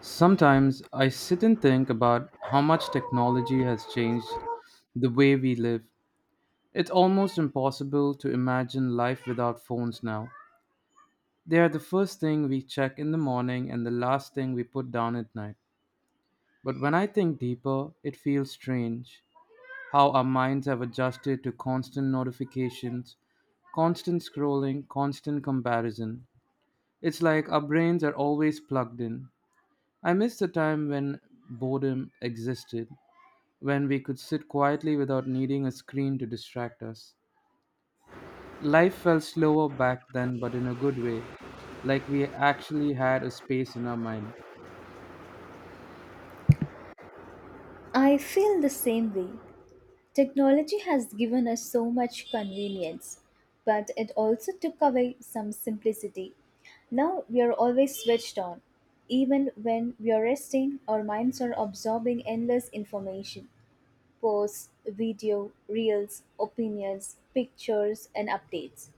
Sometimes I sit and think about how much technology has changed the way we live. It's almost impossible to imagine life without phones now. They are the first thing we check in the morning and the last thing we put down at night. But when I think deeper, it feels strange how our minds have adjusted to constant notifications, constant scrolling, constant comparison. It's like our brains are always plugged in. I miss the time when boredom existed, when we could sit quietly without needing a screen to distract us. Life felt slower back then, but in a good way, like we actually had a space in our mind. I feel the same way. Technology has given us so much convenience, but it also took away some simplicity. Now we are always switched on, even when we are resting, our minds are absorbing endless information posts, video, reels, opinions, pictures, and updates.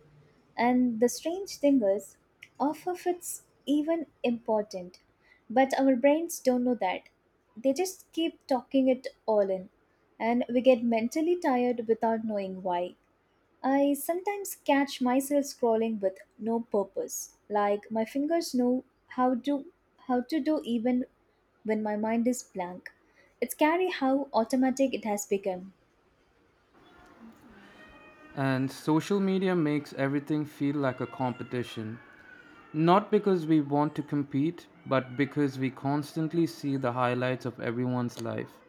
And the strange thing is, half of it's even important. But our brains don't know that. They just keep talking it all in. And we get mentally tired without knowing why. I sometimes catch myself scrolling with no purpose. Like my fingers know how to do even when my mind is blank. It's scary how automatic it has become. And social media makes everything feel like a competition. Not because we want to compete, but because we constantly see the highlights of everyone's life.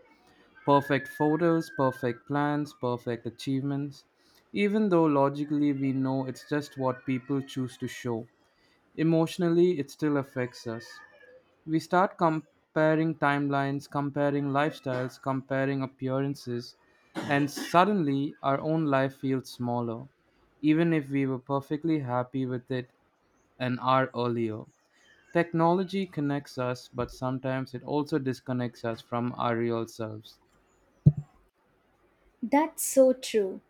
Perfect photos, perfect plans, perfect achievements, even though logically we know it's just what people choose to show. Emotionally, it still affects us. We start comparing timelines, comparing lifestyles, comparing appearances, and suddenly our own life feels smaller, even if we were perfectly happy with it an hour earlier. Technology connects us, but sometimes it also disconnects us from our real selves. That's so true.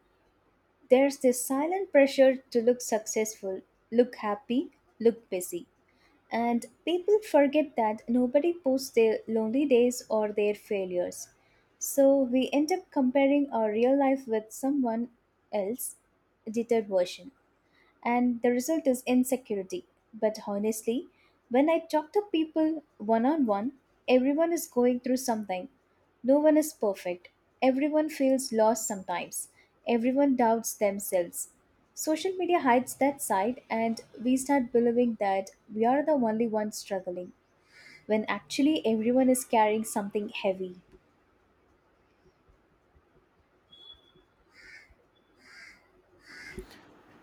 There's this silent pressure to look successful, look happy, look busy. And people forget that nobody posts their lonely days or their failures. So we end up comparing our real life with someone else edited version and the result is insecurity. But honestly, when I talk to people one on one, everyone is going through something. No one is perfect. Everyone feels lost sometimes. Everyone doubts themselves. Social media hides that side, and we start believing that we are the only ones struggling, when actually everyone is carrying something heavy.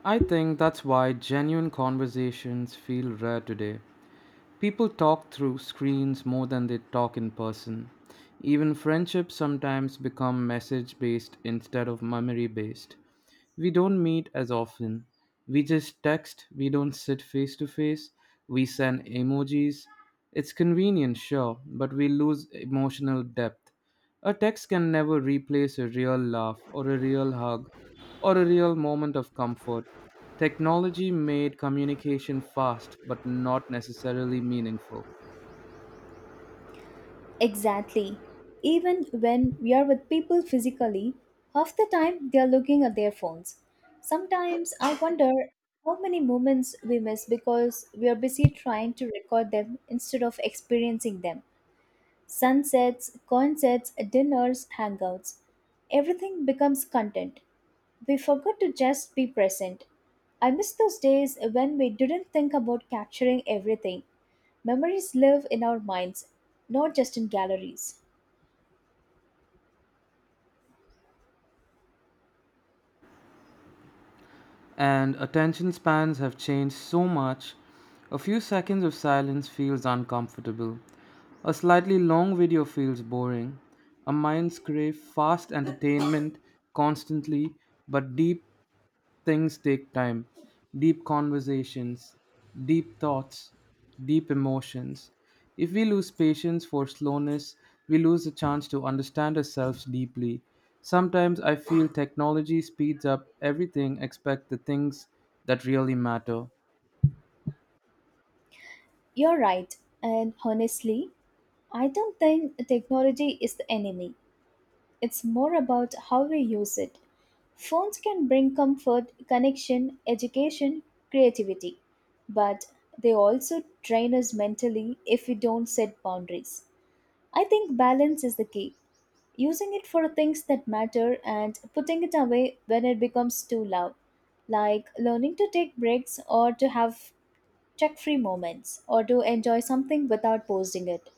I think that's why genuine conversations feel rare today. People talk through screens more than they talk in person. Even friendships sometimes become message based instead of memory based. We don't meet as often. We just text, we don't sit face to face, we send emojis. It's convenient, sure, but we lose emotional depth. A text can never replace a real laugh or a real hug or a real moment of comfort. Technology made communication fast but not necessarily meaningful. Exactly. Even when we are with people physically, half the time they are looking at their phones. Sometimes I wonder how many moments we miss because we are busy trying to record them instead of experiencing them. Sunsets, concerts, dinners, hangouts. Everything becomes content. We forgot to just be present. I miss those days when we didn't think about capturing everything. Memories live in our minds, not just in galleries. And attention spans have changed so much, a few seconds of silence feels uncomfortable. A slightly long video feels boring. Our minds crave fast entertainment constantly, but deep things take time. Deep conversations, deep thoughts, deep emotions. If we lose patience for slowness, we lose the chance to understand ourselves deeply. Sometimes I feel technology speeds up everything except the things that really matter. You're right. And honestly, I don't think technology is the enemy. It's more about how we use it. Phones can bring comfort, connection, education, creativity, but they also drain us mentally if we don't set boundaries. I think balance is the key. Using it for things that matter and putting it away when it becomes too loud, like learning to take breaks or to have tech free moments or to enjoy something without posting it.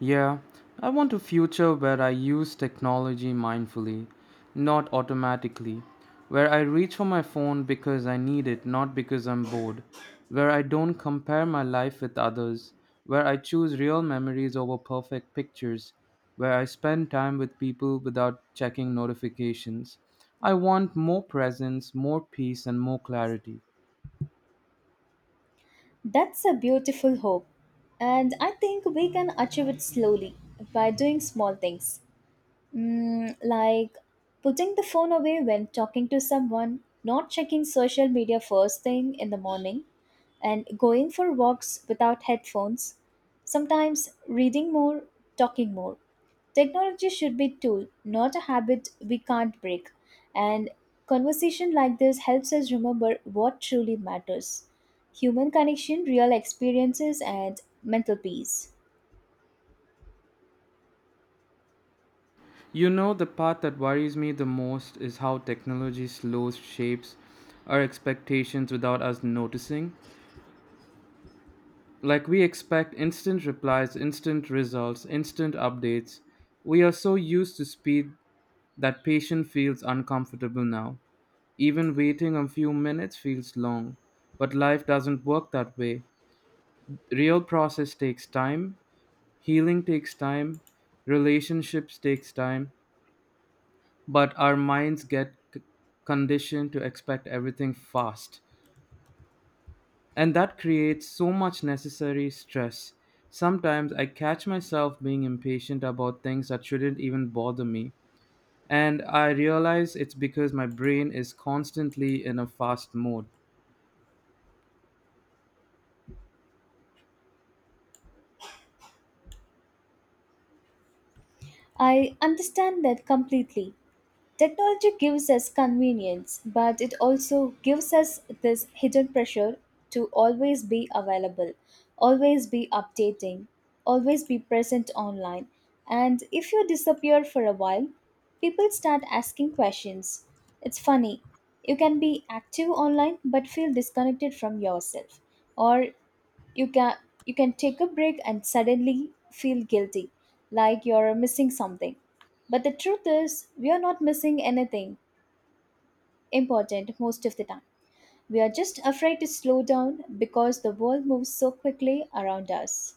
Yeah, I want a future where I use technology mindfully, not automatically, where I reach for my phone because I need it, not because I'm bored, where I don't compare my life with others, where I choose real memories over perfect pictures, where I spend time with people without checking notifications. I want more presence, more peace, and more clarity. That's a beautiful hope. And I think we can achieve it slowly by doing small things. Like putting the phone away when talking to someone, not checking social media first thing in the morning, and going for walks without headphones, sometimes reading more, talking more. Technology should be tool, not a habit we can't break. And conversation like this helps us remember what truly matters. Human connection, real experiences and mental peace. You know, the part that worries me the most is how technology slows shapes our expectations without us noticing. Like, we expect instant replies, instant results, instant updates. We are so used to speed that patience feels uncomfortable now. Even waiting a few minutes feels long. But life doesn't work that way. Real process takes time, healing takes time, relationships takes time, but our minds get conditioned to expect everything fast, and that creates so much necessary stress. Sometimes I catch myself being impatient about things that shouldn't even bother me, and I realize it's because my brain is constantly in a fast mode. I understand that completely. Technology gives us convenience, but it also gives us this hidden pressure to always be available, always be updating, always be present online. And if you disappear for a while, people start asking questions. It's funny. You can be active online but feel disconnected from yourself. Or you can you can take a break and suddenly feel guilty, like you're missing something. But the truth is, we are not missing anything important most of the time. We are just afraid to slow down because the world moves so quickly around us.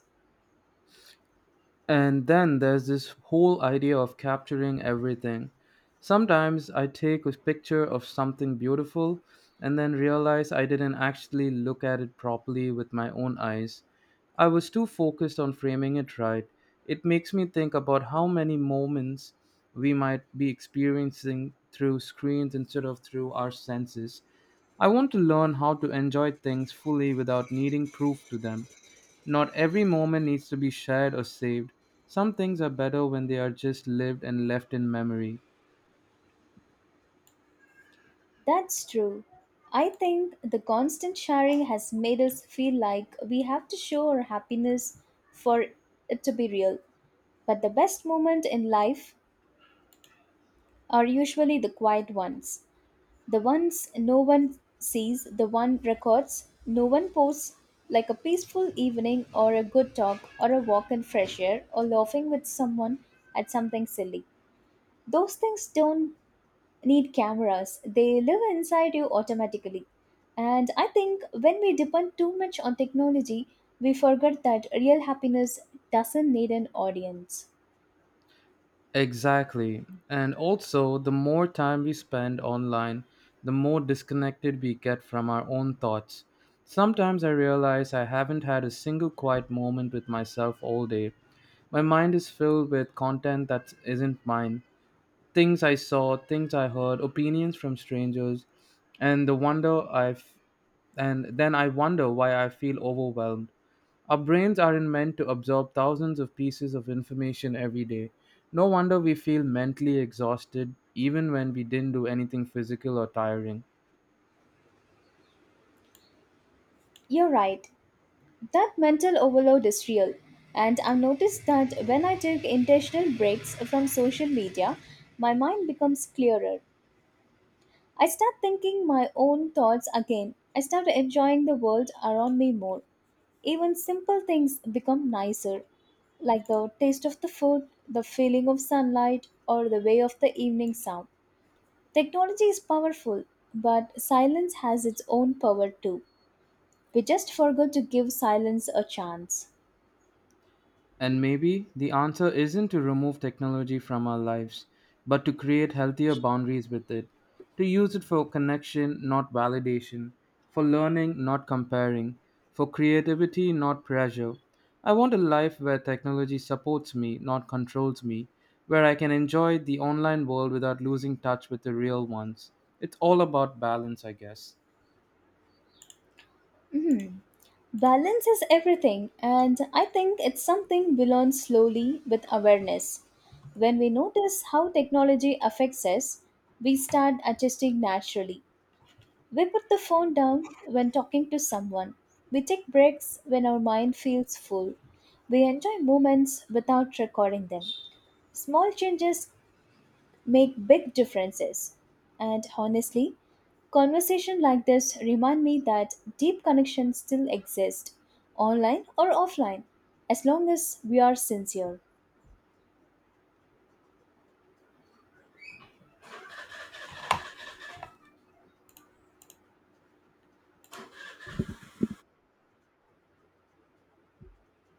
And then there's this whole idea of capturing everything. Sometimes I take a picture of something beautiful and then realize I didn't actually look at it properly with my own eyes. I was too focused on framing it right. It makes me think about how many moments we might be experiencing through screens instead of through our senses. I want to learn how to enjoy things fully without needing proof to them. Not every moment needs to be shared or saved. Some things are better when they are just lived and left in memory. That's true. I think the constant sharing has made us feel like we have to show our happiness for it to be real. But the best moments in life are usually the quiet ones. The ones no one sees, the one records, no one posts, like a peaceful evening or a good talk or a walk in fresh air or laughing with someone at something silly. Those things don't need cameras, they live inside you automatically. And I think when we depend too much on technology, we forget that real happiness doesn't need an audience. Exactly. And also, the more time we spend online, the more disconnected we get from our own thoughts. Sometimes I realize I haven't had a single quiet moment with myself all day. My mind is filled with content that isn't mine, things I saw, things I heard, opinions from strangers, and the wonder I've and then I wonder why I feel overwhelmed. Our brains aren't meant to absorb thousands of pieces of information every day. No wonder we feel mentally exhausted even when we didn't do anything physical or tiring. You're right. That mental overload is real, and I've noticed that when I take intentional breaks from social media, my mind becomes clearer. I start thinking my own thoughts again. I start enjoying the world around me more. Even simple things become nicer, like the taste of the food, the feeling of sunlight, or the way of the evening sound. Technology is powerful, but silence has its own power too. We just forgot to give silence a chance. And maybe the answer isn't to remove technology from our lives, but to create healthier boundaries with it, to use it for connection, not validation, for learning, not comparing, for creativity, not pressure. I want a life where technology supports me, not controls me, where I can enjoy the online world without losing touch with the real ones. It's all about balance, I guess. Mhm. Balance is everything, and I think it's something we learn slowly with awareness. When we notice how technology affects us, we start adjusting naturally. We put the phone down when talking to someone. We take breaks when our mind feels full. We enjoy moments without recording them. Small changes make big differences. And honestly, conversation like this remind me that deep connections still exist online or offline as long as we are sincere.